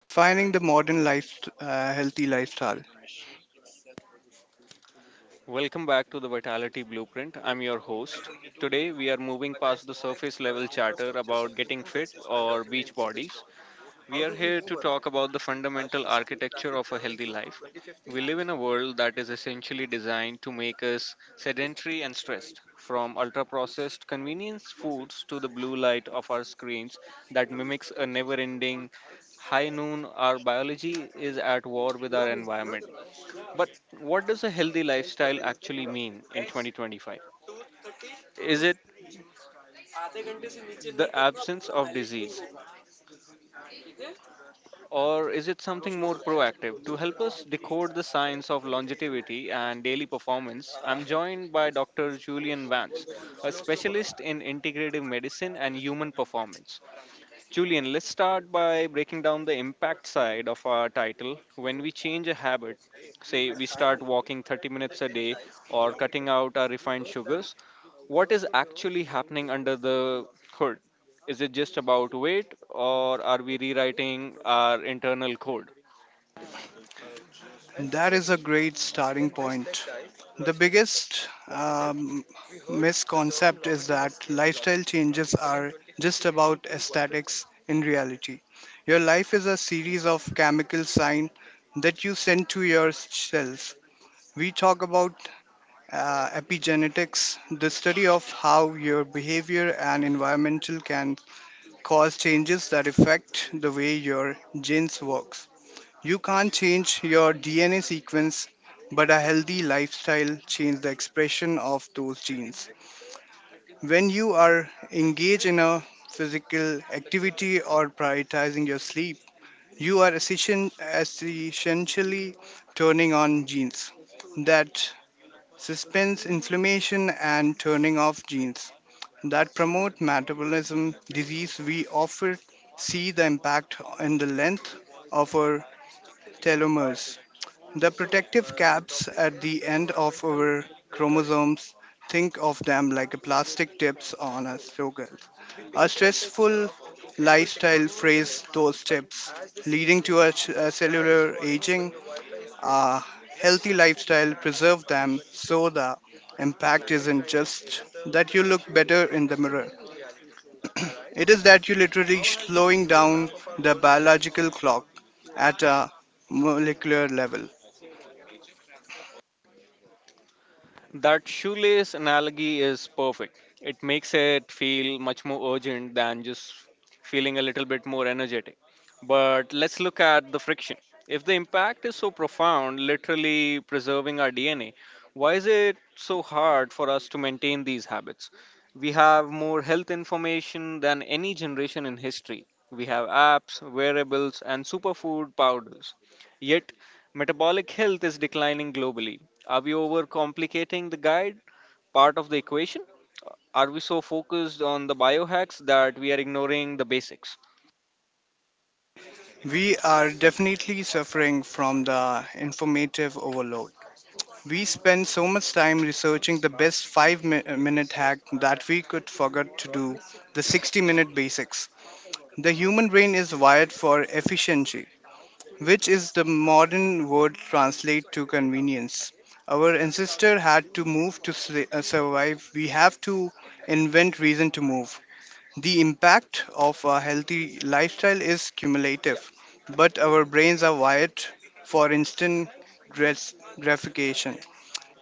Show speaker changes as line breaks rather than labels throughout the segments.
defining the modern life, healthy lifestyle.
Welcome back to the Vitality Blueprint. I'm your host. Today, we are moving past the surface level chatter about getting fit or beach bodies. We are here to talk about the fundamental architecture of a healthy life. We live in a world that is essentially designed to make us sedentary and stressed, from ultra processed convenience foods to the blue light of our screens that mimics a never ending high noon. Our biology is at war with our environment. But what does a healthy lifestyle actually mean in 2025? Is it the absence of disease? Or is it something more proactive? To help us decode the science of longevity and daily performance, I'm joined by Dr. Julian Vance, a specialist in integrative medicine and human performance. Julian, let's start by breaking down the impact side of our title. When we change a habit, say we start walking 30 minutes a day or cutting out our refined sugars, what is actually happening under the hood? Is it just about weight or are we rewriting our internal code?
That is a great starting point. The biggest misconcept is that lifestyle changes are just about aesthetics in reality. Your life is a series of chemical signs that you send to your cells. We talk about epigenetics, the study of how your behavior and environmental can cause changes that affect the way your genes works. You can't change your DNA sequence, but a healthy lifestyle changes the expression of those genes. When you are engaged in a physical activity or prioritizing your sleep, you are essentially turning on genes that suspends inflammation and turning off genes that promote metabolism disease. We often see the impact in the length of our telomeres, the protective caps at the end of our chromosomes. Think of them like a plastic tips on a struggle. A stressful lifestyle frays those tips, leading to a cellular aging. A healthy lifestyle preserve them, so the impact isn't just that you look better in the mirror, it is that you literally slowing down the biological clock at a molecular level.
That shoelace analogy is perfect. It makes it feel much more urgent than just feeling a little bit more energetic. But let's look at the friction. If the impact is so profound, literally preserving our DNA, why is it so hard for us to maintain these habits? We have more health information than any generation in history. We have apps, wearables, and superfood powders. Yet metabolic health is declining globally. Are we overcomplicating the guide part of the equation? Are we so focused on the biohacks that we are ignoring the basics?
We are definitely suffering from the informative overload. We spend so much time researching the best 5 minute hack that we could forget to do the 60-minute basics. The human brain is wired for efficiency, which is the modern word translate to convenience. Our ancestor had to move to survive. We have to invent reason to move. The impact of a healthy lifestyle is cumulative, but our brains are wired for instant gratification.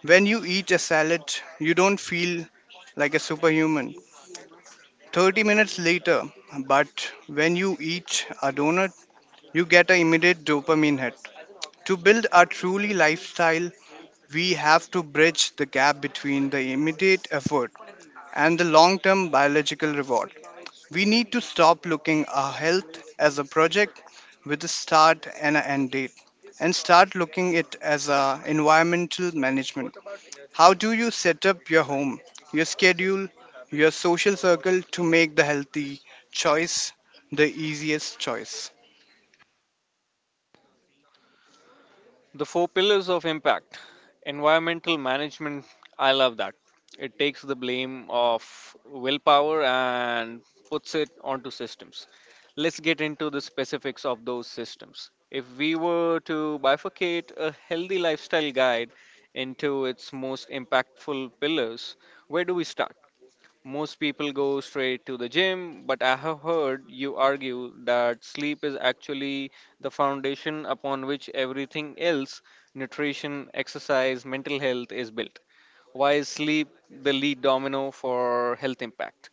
When you eat a salad, you don't feel like a superhuman 30 minutes later, but when you eat a donut, you get an immediate dopamine hit. To build a truly lifestyle, we have to bridge the gap between the immediate effort and the long term biological reward. We need to stop looking our health as a project with a start and an end date, and start looking it as a environmental management. How do you set up your home, your schedule, your social circle to make the healthy choice the easiest choice?
The four pillars of impact. Environmental management, I love that. It takes the blame of willpower and puts it onto systems. Let's get into the specifics of those systems. If we were to bifurcate a healthy lifestyle guide into its most impactful pillars, where do we start? Most people go straight to the gym, but I have heard you argue that sleep is actually the foundation upon which everything else, nutrition, exercise, mental health, is built. Why is sleep the lead domino for health impact?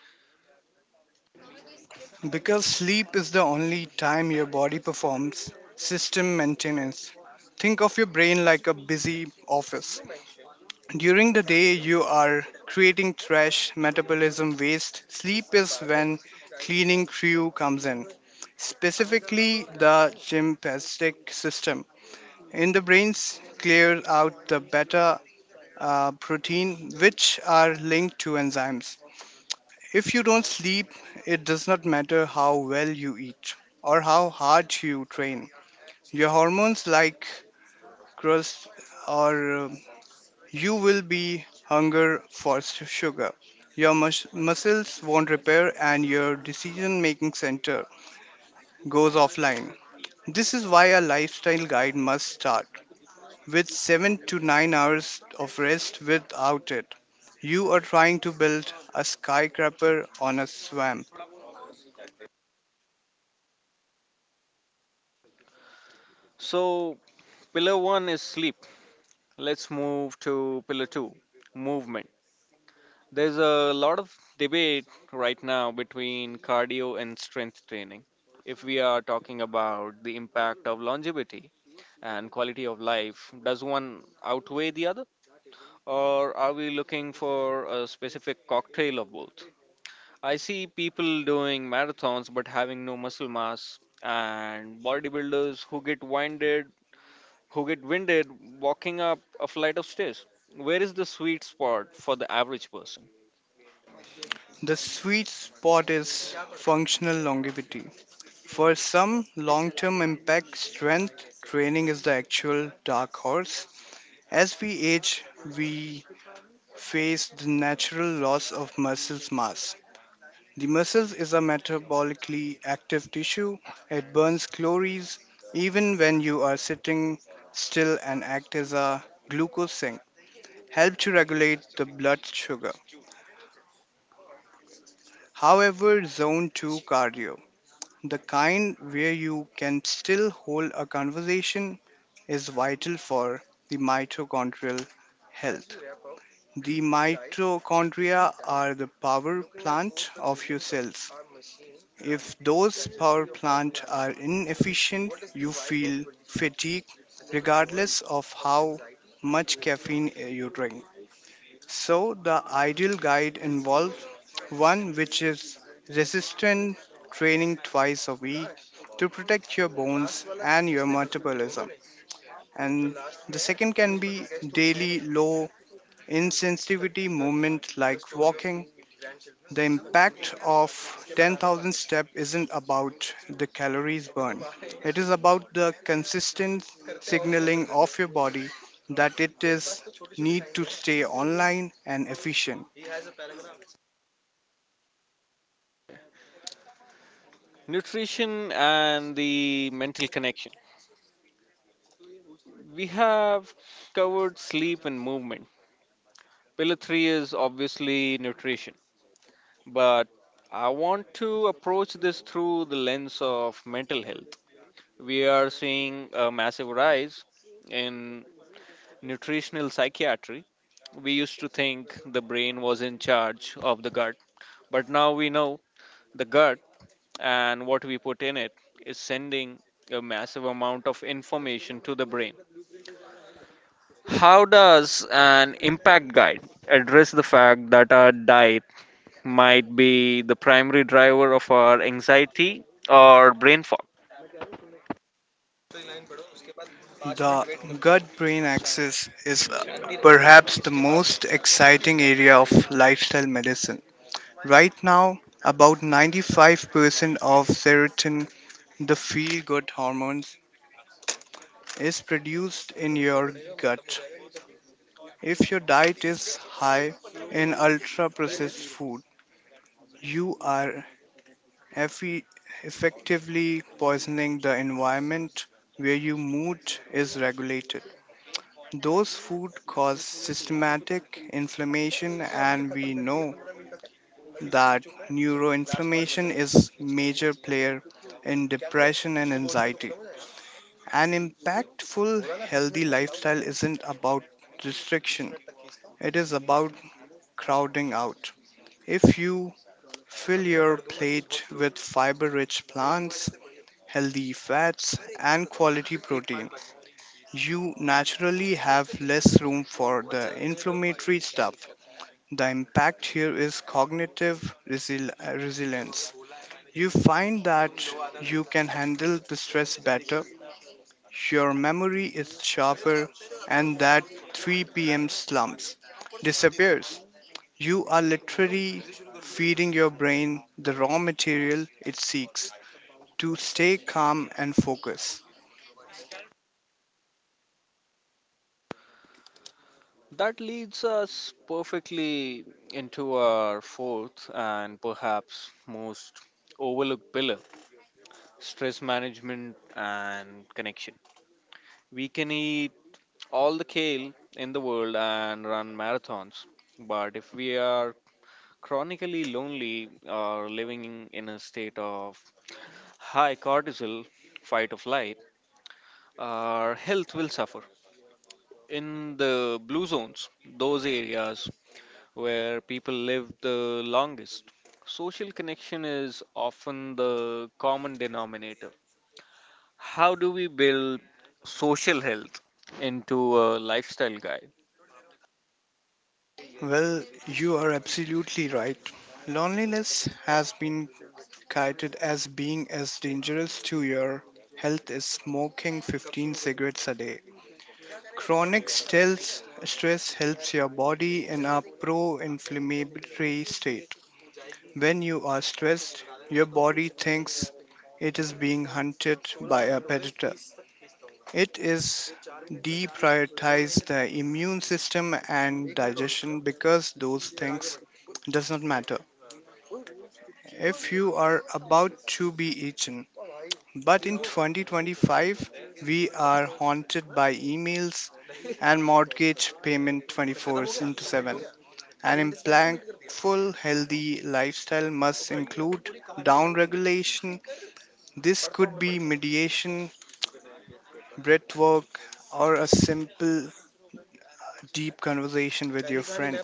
Because sleep is the only time your body performs system maintenance. Think of your brain like a busy office. During the day, you are creating trash, metabolism waste. Sleep is when cleaning crew comes in, specifically the sympathetic system. In the brains, clear out the beta protein, which are linked to enzymes. If you don't sleep, it does not matter how well you eat or how hard you train. Your hormones like crust or you will be hunger for sugar. Your muscles won't repair and your decision making center goes offline. This is why a lifestyle guide must start with 7 to 9 hours of rest. Without it, you are trying to build a skyscraper on a swamp.
So, pillar one is sleep. Let's move to pillar two, movement. There's a lot of debate right now between cardio and strength training. If we are talking about the impact of longevity and quality of life, does one outweigh the other? Or are we looking for a specific cocktail of both? I see people doing marathons but having no muscle mass, and bodybuilders who get winded walking up a flight of stairs. Where is the sweet spot for the average person?
The sweet spot is functional longevity. For some, long term impact strength training is the actual dark horse. As we age, we face the natural loss of muscle mass. The muscles is a metabolically active tissue. It burns calories even when you are sitting still, and act as a glucose sink, help to regulate the blood sugar. However, zone 2 cardio, the kind where you can still hold a conversation, is vital for the mitochondrial health. The mitochondria are the power plant of your cells. If those power plants are inefficient, you feel fatigue regardless of how much caffeine you drink. So, the ideal guide involves one, which is resistant training twice a week to protect your bones and your metabolism. And the second can be daily low insensitivity movement like walking. The impact of 10,000 step isn't about the calories burned. It is about the consistent signaling of your body that it is need to stay online and efficient.
Nutrition and the mental connection. We have covered sleep and movement. Pillar 3 is obviously nutrition, but I want to approach this through the lens of mental health. We are seeing a massive rise in nutritional psychiatry. We used to think the brain was in charge of the gut, but now we know the gut and what we put in it is sending a massive amount of information to the brain. How does an impact guide address the fact that our diet might be the primary driver of our anxiety or brain fog?
The gut brain axis is perhaps the most exciting area of lifestyle medicine. Right now, about 95% of serotonin, the feel good hormone, is produced in your gut. If your diet is high in ultra processed food, you are effe- effectively poisoning the environment where your mood is regulated. Those food cause systematic inflammation, and we know that neuroinflammation is major player in depression and anxiety. An impactful healthy lifestyle isn't about restriction. It is about crowding out. If you fill your plate with fiber-rich plants, healthy fats and quality protein, you naturally have less room for the inflammatory stuff. The impact here is cognitive resilience. You find that you can handle the stress better, your memory is sharper, and that 3 p.m. slumps disappears. You are literally feeding your brain the raw material it seeks to stay calm and focus.
That leads us perfectly into our fourth and perhaps most overlooked pillar, stress management and connection. We can eat all the kale in the world and run marathons, but if we are chronically lonely or living in a state of high cortisol, fight or flight, our health will suffer. In the blue zones, those areas where people live the longest, social connection is often the common denominator. How do we build social health into a lifestyle guide?
Well, you are absolutely right. Loneliness has been cited as being as dangerous to your health as smoking 15 cigarettes a day. Chronic stress helps your body in a pro inflammatory state. When you are stressed, your body thinks it is being hunted by a predator. It is deprioritize the immune system and digestion, because those things does not matter if you are about to be eaten. But in 2025, we are haunted by emails and mortgage payment 24 into 7. An impactful, healthy lifestyle must include down regulation. This could be mediation, breath work, or a simple, deep conversation with your friend.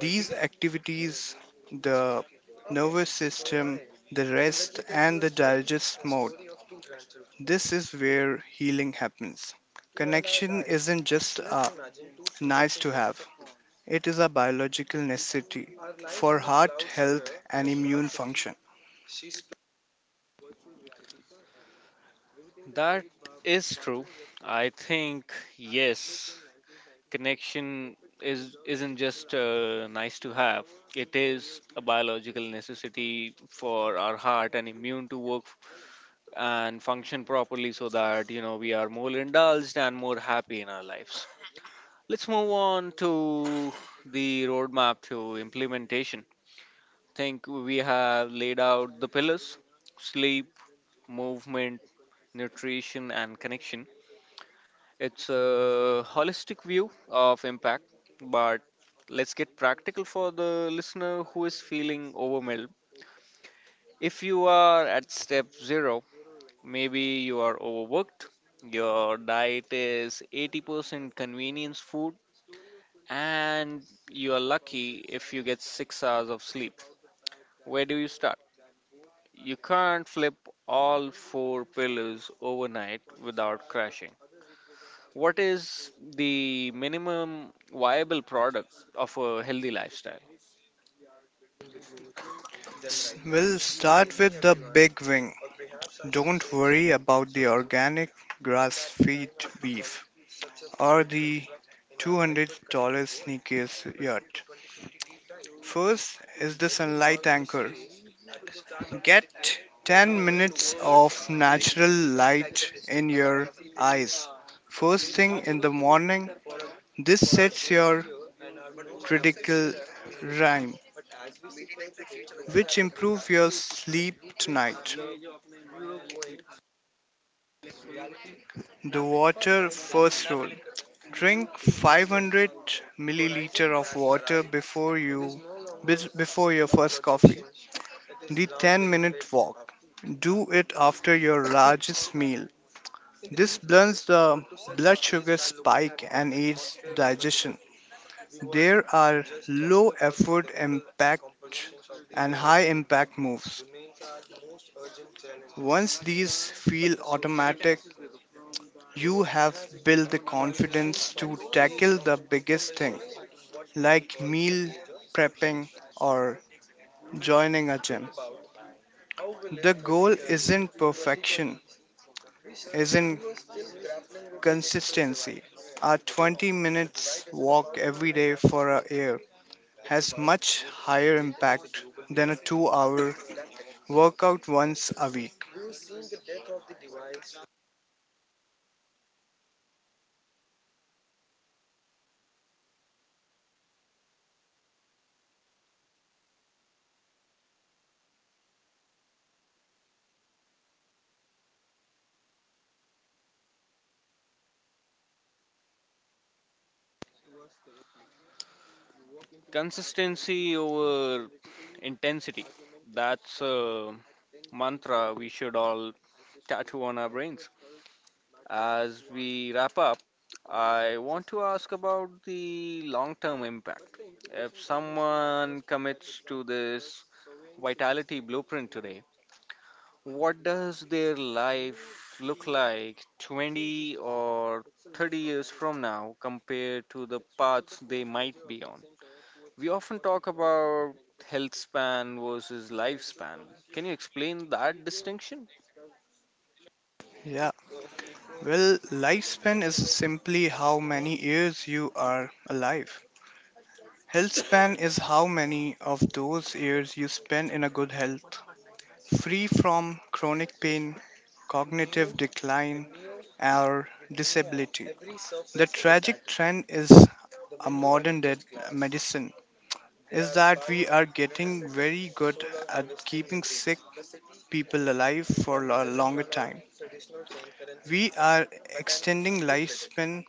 These activities, the nervous system, the rest, and the digest mode, this is where healing happens. Connection isn't just a nice to have, it is a biological necessity for heart health and immune function.
That is true. I think, yes, connection is, isn't just nice to have, it is a biological necessity for our heart and immune to work and function properly so that we are more indulged and more happy in our lives. Let's move on to the roadmap to implementation. I think we have laid out the pillars: sleep, movement, nutrition, and connection. It's a holistic view of impact, but let's get practical for the listener who is feeling overwhelmed. If you are at step zero, maybe you are overworked, your diet is 80% convenience food, and you are lucky if you get 6 hours of sleep. Where do you start? You can't flip all four pillars overnight without crashing. What is the minimum viable product of a healthy lifestyle?
We'll start with the big wing. Don't worry about the organic grass fed beef or the $200 sneakers yacht. First is the sunlight anchor. Get 10 minutes of natural light in your eyes first thing in the morning. This sets your critical rhyme, which improve your sleep tonight. The water first rule: drink 500 milliliter of water before your first coffee. The 10-minute walk: do it after your largest meal. This blunts the blood sugar spike and aids digestion. There are low effort impact and high impact moves. Once these feel automatic, you have built the confidence to tackle the biggest thing, like meal prepping or joining a gym. The goal isn't perfection, isn't consistency. A 20 minutes walk every day for a year has much higher impact than a 2 hour workout once a week.
Consistency over intensity. That's a mantra we should all tattoo on our brains. As we wrap up, I want to ask about the long term impact. If someone commits to this vitality blueprint today, what does their life look like 20 or 30 years from now compared to the paths they might be on? We often talk about health span versus lifespan. Can you explain that distinction?
Yeah, well, lifespan is simply how many years you are alive. Health span is how many of those years you spend in a good health, free from chronic pain, cognitive decline, or disability. The tragic trend is a modern dead medicine is that we are getting very good at keeping sick people alive for a longer time. We are extending lifespan,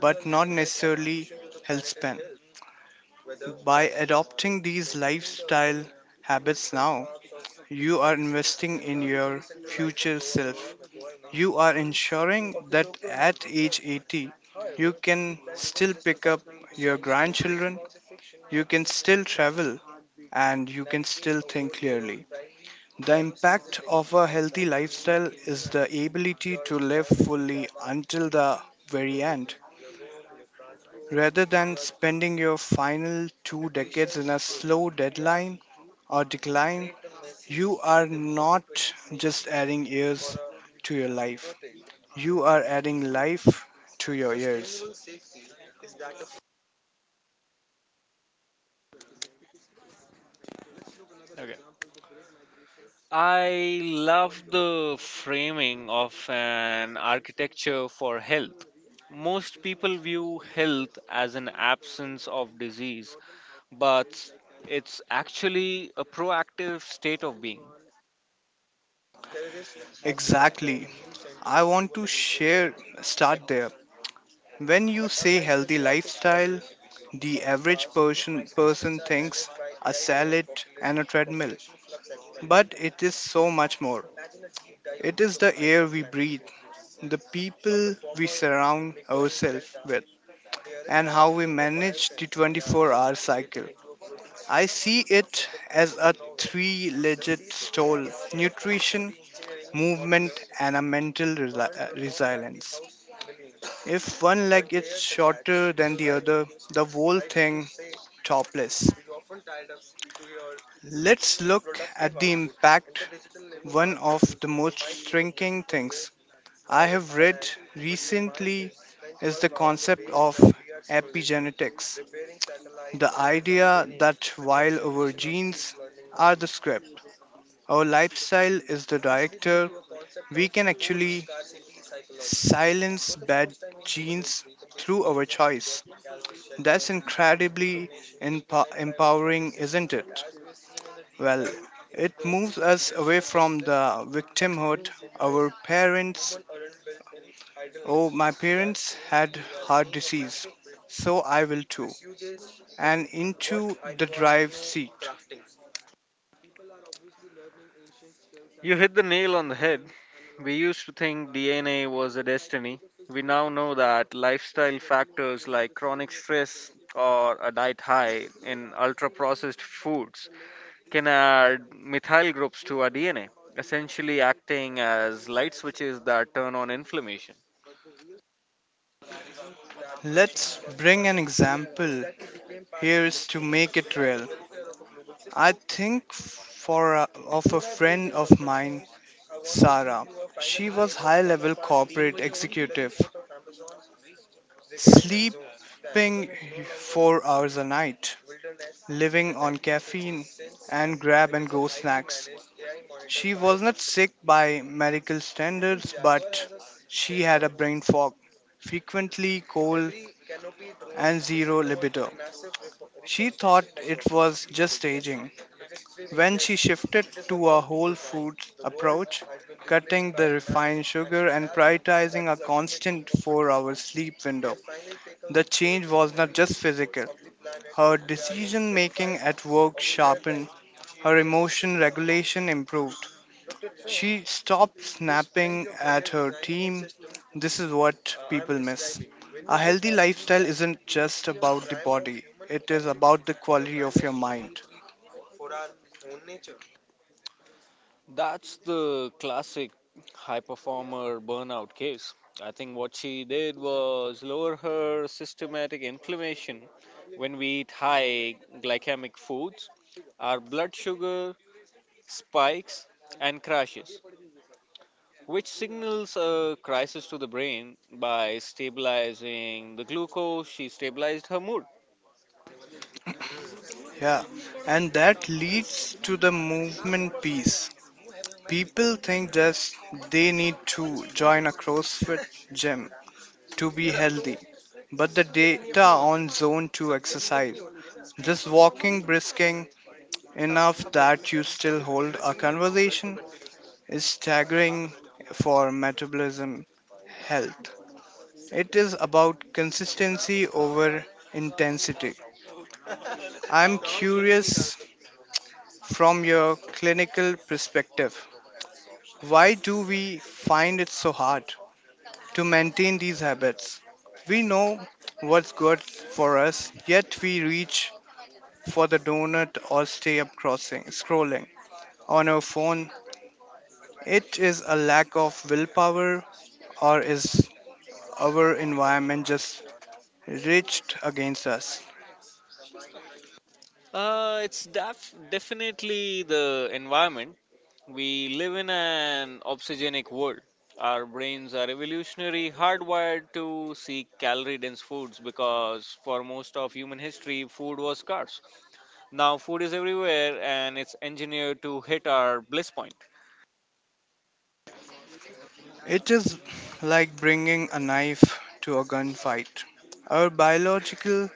but not necessarily health span. By adopting these lifestyle habits now, you are investing in your future self. You are ensuring that at age 80, you can still pick up your grandchildren, you can still travel, and you can still think clearly. The impact of a healthy lifestyle is the ability to live fully until the very end, rather than spending your final two decades in a slow deadline or decline. You are not just adding years to your life, you are adding life to your years.
Okay. I love the framing of an architecture for health. Most people view health as an absence of disease, but it's actually a proactive state of being.
Exactly. I want to share, start there. When you say healthy lifestyle, the average person thinks a salad and a treadmill. But it is so much more. It is the air we breathe, the people we surround ourselves with, and how we manage the 24-hour cycle. I see it as a three legged stool: nutrition, movement, and a mental resilience. If one leg is shorter than the other, the whole thing topless. Let's look at the impact. One of the most striking things I have read recently is the concept of epigenetics, the idea that while our genes are the script, our lifestyle is the director. We can actually silence bad genes through our choice. That's incredibly empowering, isn't it? Well, it moves us away from the victimhood. Our parents, oh, my parents had heart disease, so I will too, and into the drive seat.
You hit the nail on the head. We used to think DNA was a destiny. We now know that lifestyle factors like chronic stress or a diet high in ultra processed foods can add methyl groups to our DNA, essentially acting as light switches that turn on inflammation.
Let's bring an example here's to make it real. I think of a friend of mine, Sarah. She was high level corporate executive sleeping 4 hours a night, living on caffeine and grab and go snacks. She was not sick by medical standards, but she had a brain fog, frequently cold, and zero libido. She thought it was just aging. When she shifted to a whole food approach, cutting the refined sugar and prioritizing a constant 4-hour sleep window, the change was not just physical. Her decision making at work sharpened, her emotion regulation improved. She stopped snapping at her team. This is what people miss. A healthy lifestyle isn't just about the body, it is about the quality of your mind.
That's the classic high performer burnout case. I think what she did was lower her systematic inflammation. When we eat high glycemic foods, our blood sugar spikes and crashes, which signals a crisis to the brain. By stabilizing the glucose, she stabilized her mood.
Yeah, and that leads to the movement piece. People think just they need to join a CrossFit gym to be healthy, but the data on zone 2 exercise, just walking, brisking enough that you still hold a conversation, is staggering for metabolism health. It is about consistency over intensity. I'm curious, from your clinical perspective, why do we find it so hard to maintain these habits? We know what's good for us, yet we reach for the donut or stay up crossing, scrolling on our phone. It is a lack of willpower, or is our environment just reached against us?
It's definitely the environment. We live in an obsogenic world. Our brains are evolutionary hardwired to seek calorie dense foods because for most of human history, food was scarce. Now, food is everywhere and it's engineered to hit our bliss point.
It is like bringing a knife to a gunfight. Our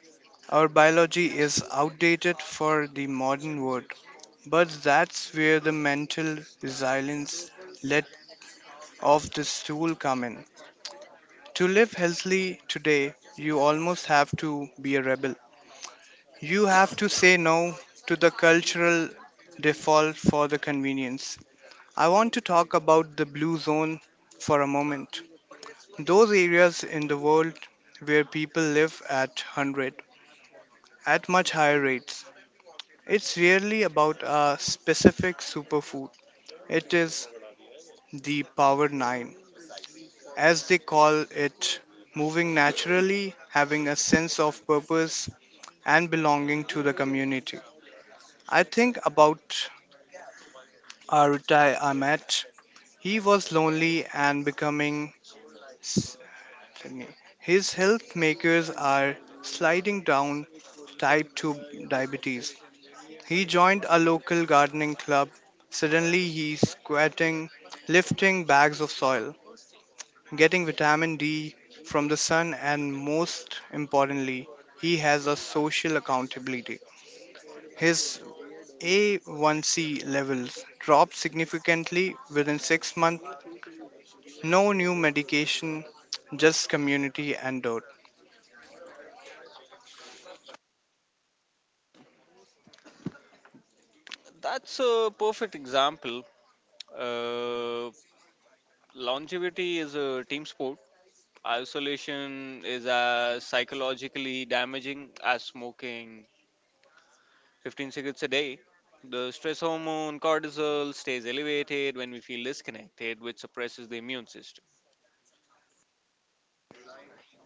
our biology is outdated for the modern world, but that's where the mental resilience let of this tool come in. To live healthily today, you almost have to be a rebel. You have to say no to the cultural default for the convenience. I want to talk about the blue zone for a moment, those areas in the world where people live at 100 at much higher rates. It's really about a specific superfood. It is the power 9, as they call it, moving naturally, having a sense of purpose and belonging to the community. I think about Arutai Ahmed. He was lonely and becoming. s- His health makers are sliding down type 2 diabetes. He joined a local gardening club. Suddenly, he's squatting, lifting bags of soil, getting vitamin D from the sun, and most importantly, he has a social accountability. His A1C levels dropped significantly within 6 months. No new medication, just community antidote.
That's a perfect example. Uh, Longevity is a team sport. Isolation is as psychologically damaging as smoking 15 cigarettes a day. The stress hormone cortisol stays elevated when we feel disconnected, which suppresses the immune system.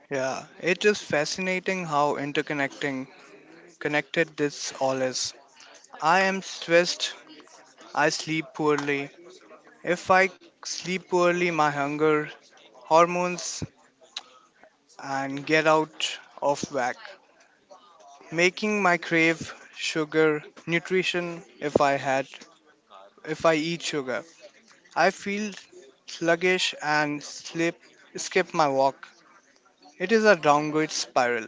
Yeah, it is fascinating how interconnecting connected this all is. I am stressed, I sleep poorly. If I sleep poorly, my hunger, hormones, and get out of whack, making my crave sugar nutrition if I eat sugar, I feel sluggish and slip skip my walk. It is a downward spiral.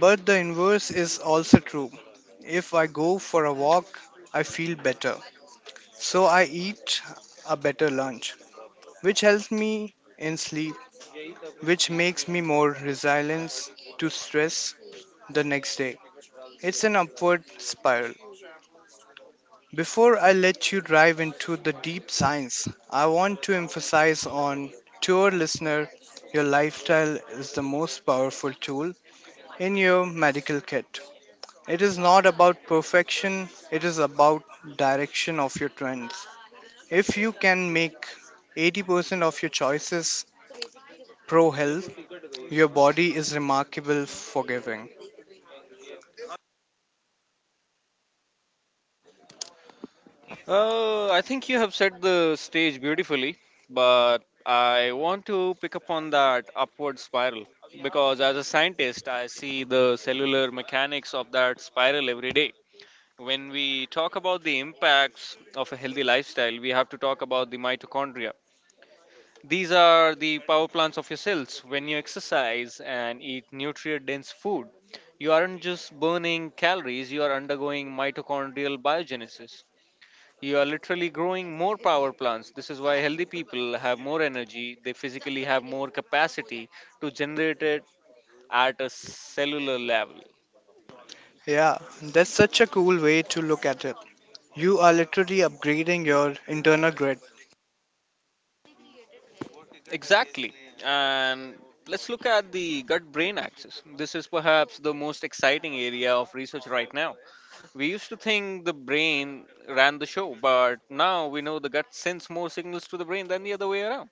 But the inverse is also true. If I go for a walk, I feel better, so I eat a better lunch, which helps me in sleep, which makes me more resilient to stress the next day. It's an upward spiral. Before I let you dive into the deep science, I want to emphasize on to our listener, your lifestyle is the most powerful tool in your medical kit. It is not about perfection, it is about direction of your trends. If you can make 80% of your choices pro health, your body is remarkable forgiving.
I think you have set the stage beautifully, but I want to pick up on that upward spiral because, as a scientist, I see the cellular mechanics of that spiral every day. When we talk about the impacts of a healthy lifestyle, we have to talk about the mitochondria. These are the power plants of your cells. When you exercise and eat nutrient dense food, you aren't just burning calories, you are undergoing mitochondrial biogenesis. You are literally growing more power plants. This is why healthy people have more energy: they physically have more capacity to generate it at a cellular level.
Yeah, that's such a cool way to look at it. You are literally upgrading your internal grid.
Exactly. And let's look at the gut brain axis. This is perhaps the most exciting area of research right now. We used to think the brain ran the show, but now we know the gut sends more signals to the brain than the other way around.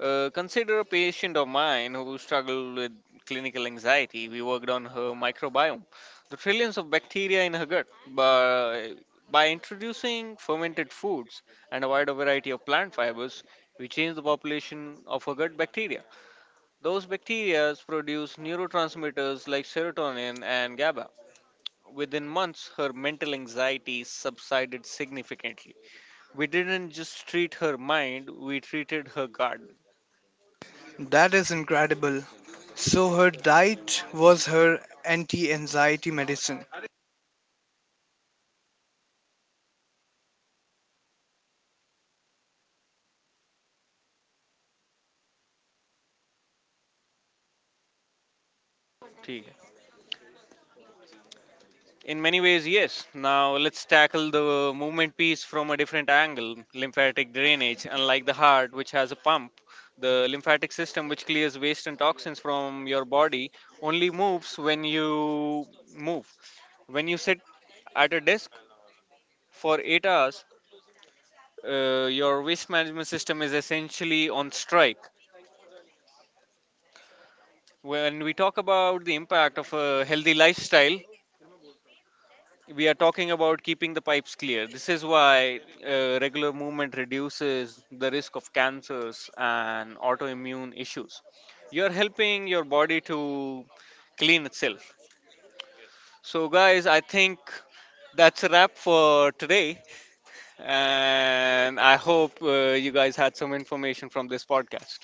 Consider a patient of mine who struggled with clinical anxiety. We worked on her microbiome, the trillions of bacteria in her gut, by introducing fermented foods and a wider variety of plant fibers. We changed the population of her gut bacteria. Those bacteria produce neurotransmitters like serotonin and GABA. Within months, her mental anxiety subsided significantly. We didn't just treat her mind, we treated her gut.
That is incredible. So her diet was her anti-anxiety medicine.
ठीक. In many ways, yes. Now let's tackle the movement piece from a different angle: lymphatic drainage. Unlike the heart, which has a pump, the lymphatic system, which clears waste and toxins from your body, only moves when you move. When you sit at a desk for 8 hours, your waste management system is essentially on strike. When we talk about the impact of a healthy lifestyle, we are talking about keeping the pipes clear. This is why regular movement reduces the risk of cancers and autoimmune issues. You're helping your body to clean itself. So, guys, I think that's a wrap for today. And I hope you guys had some information from this podcast.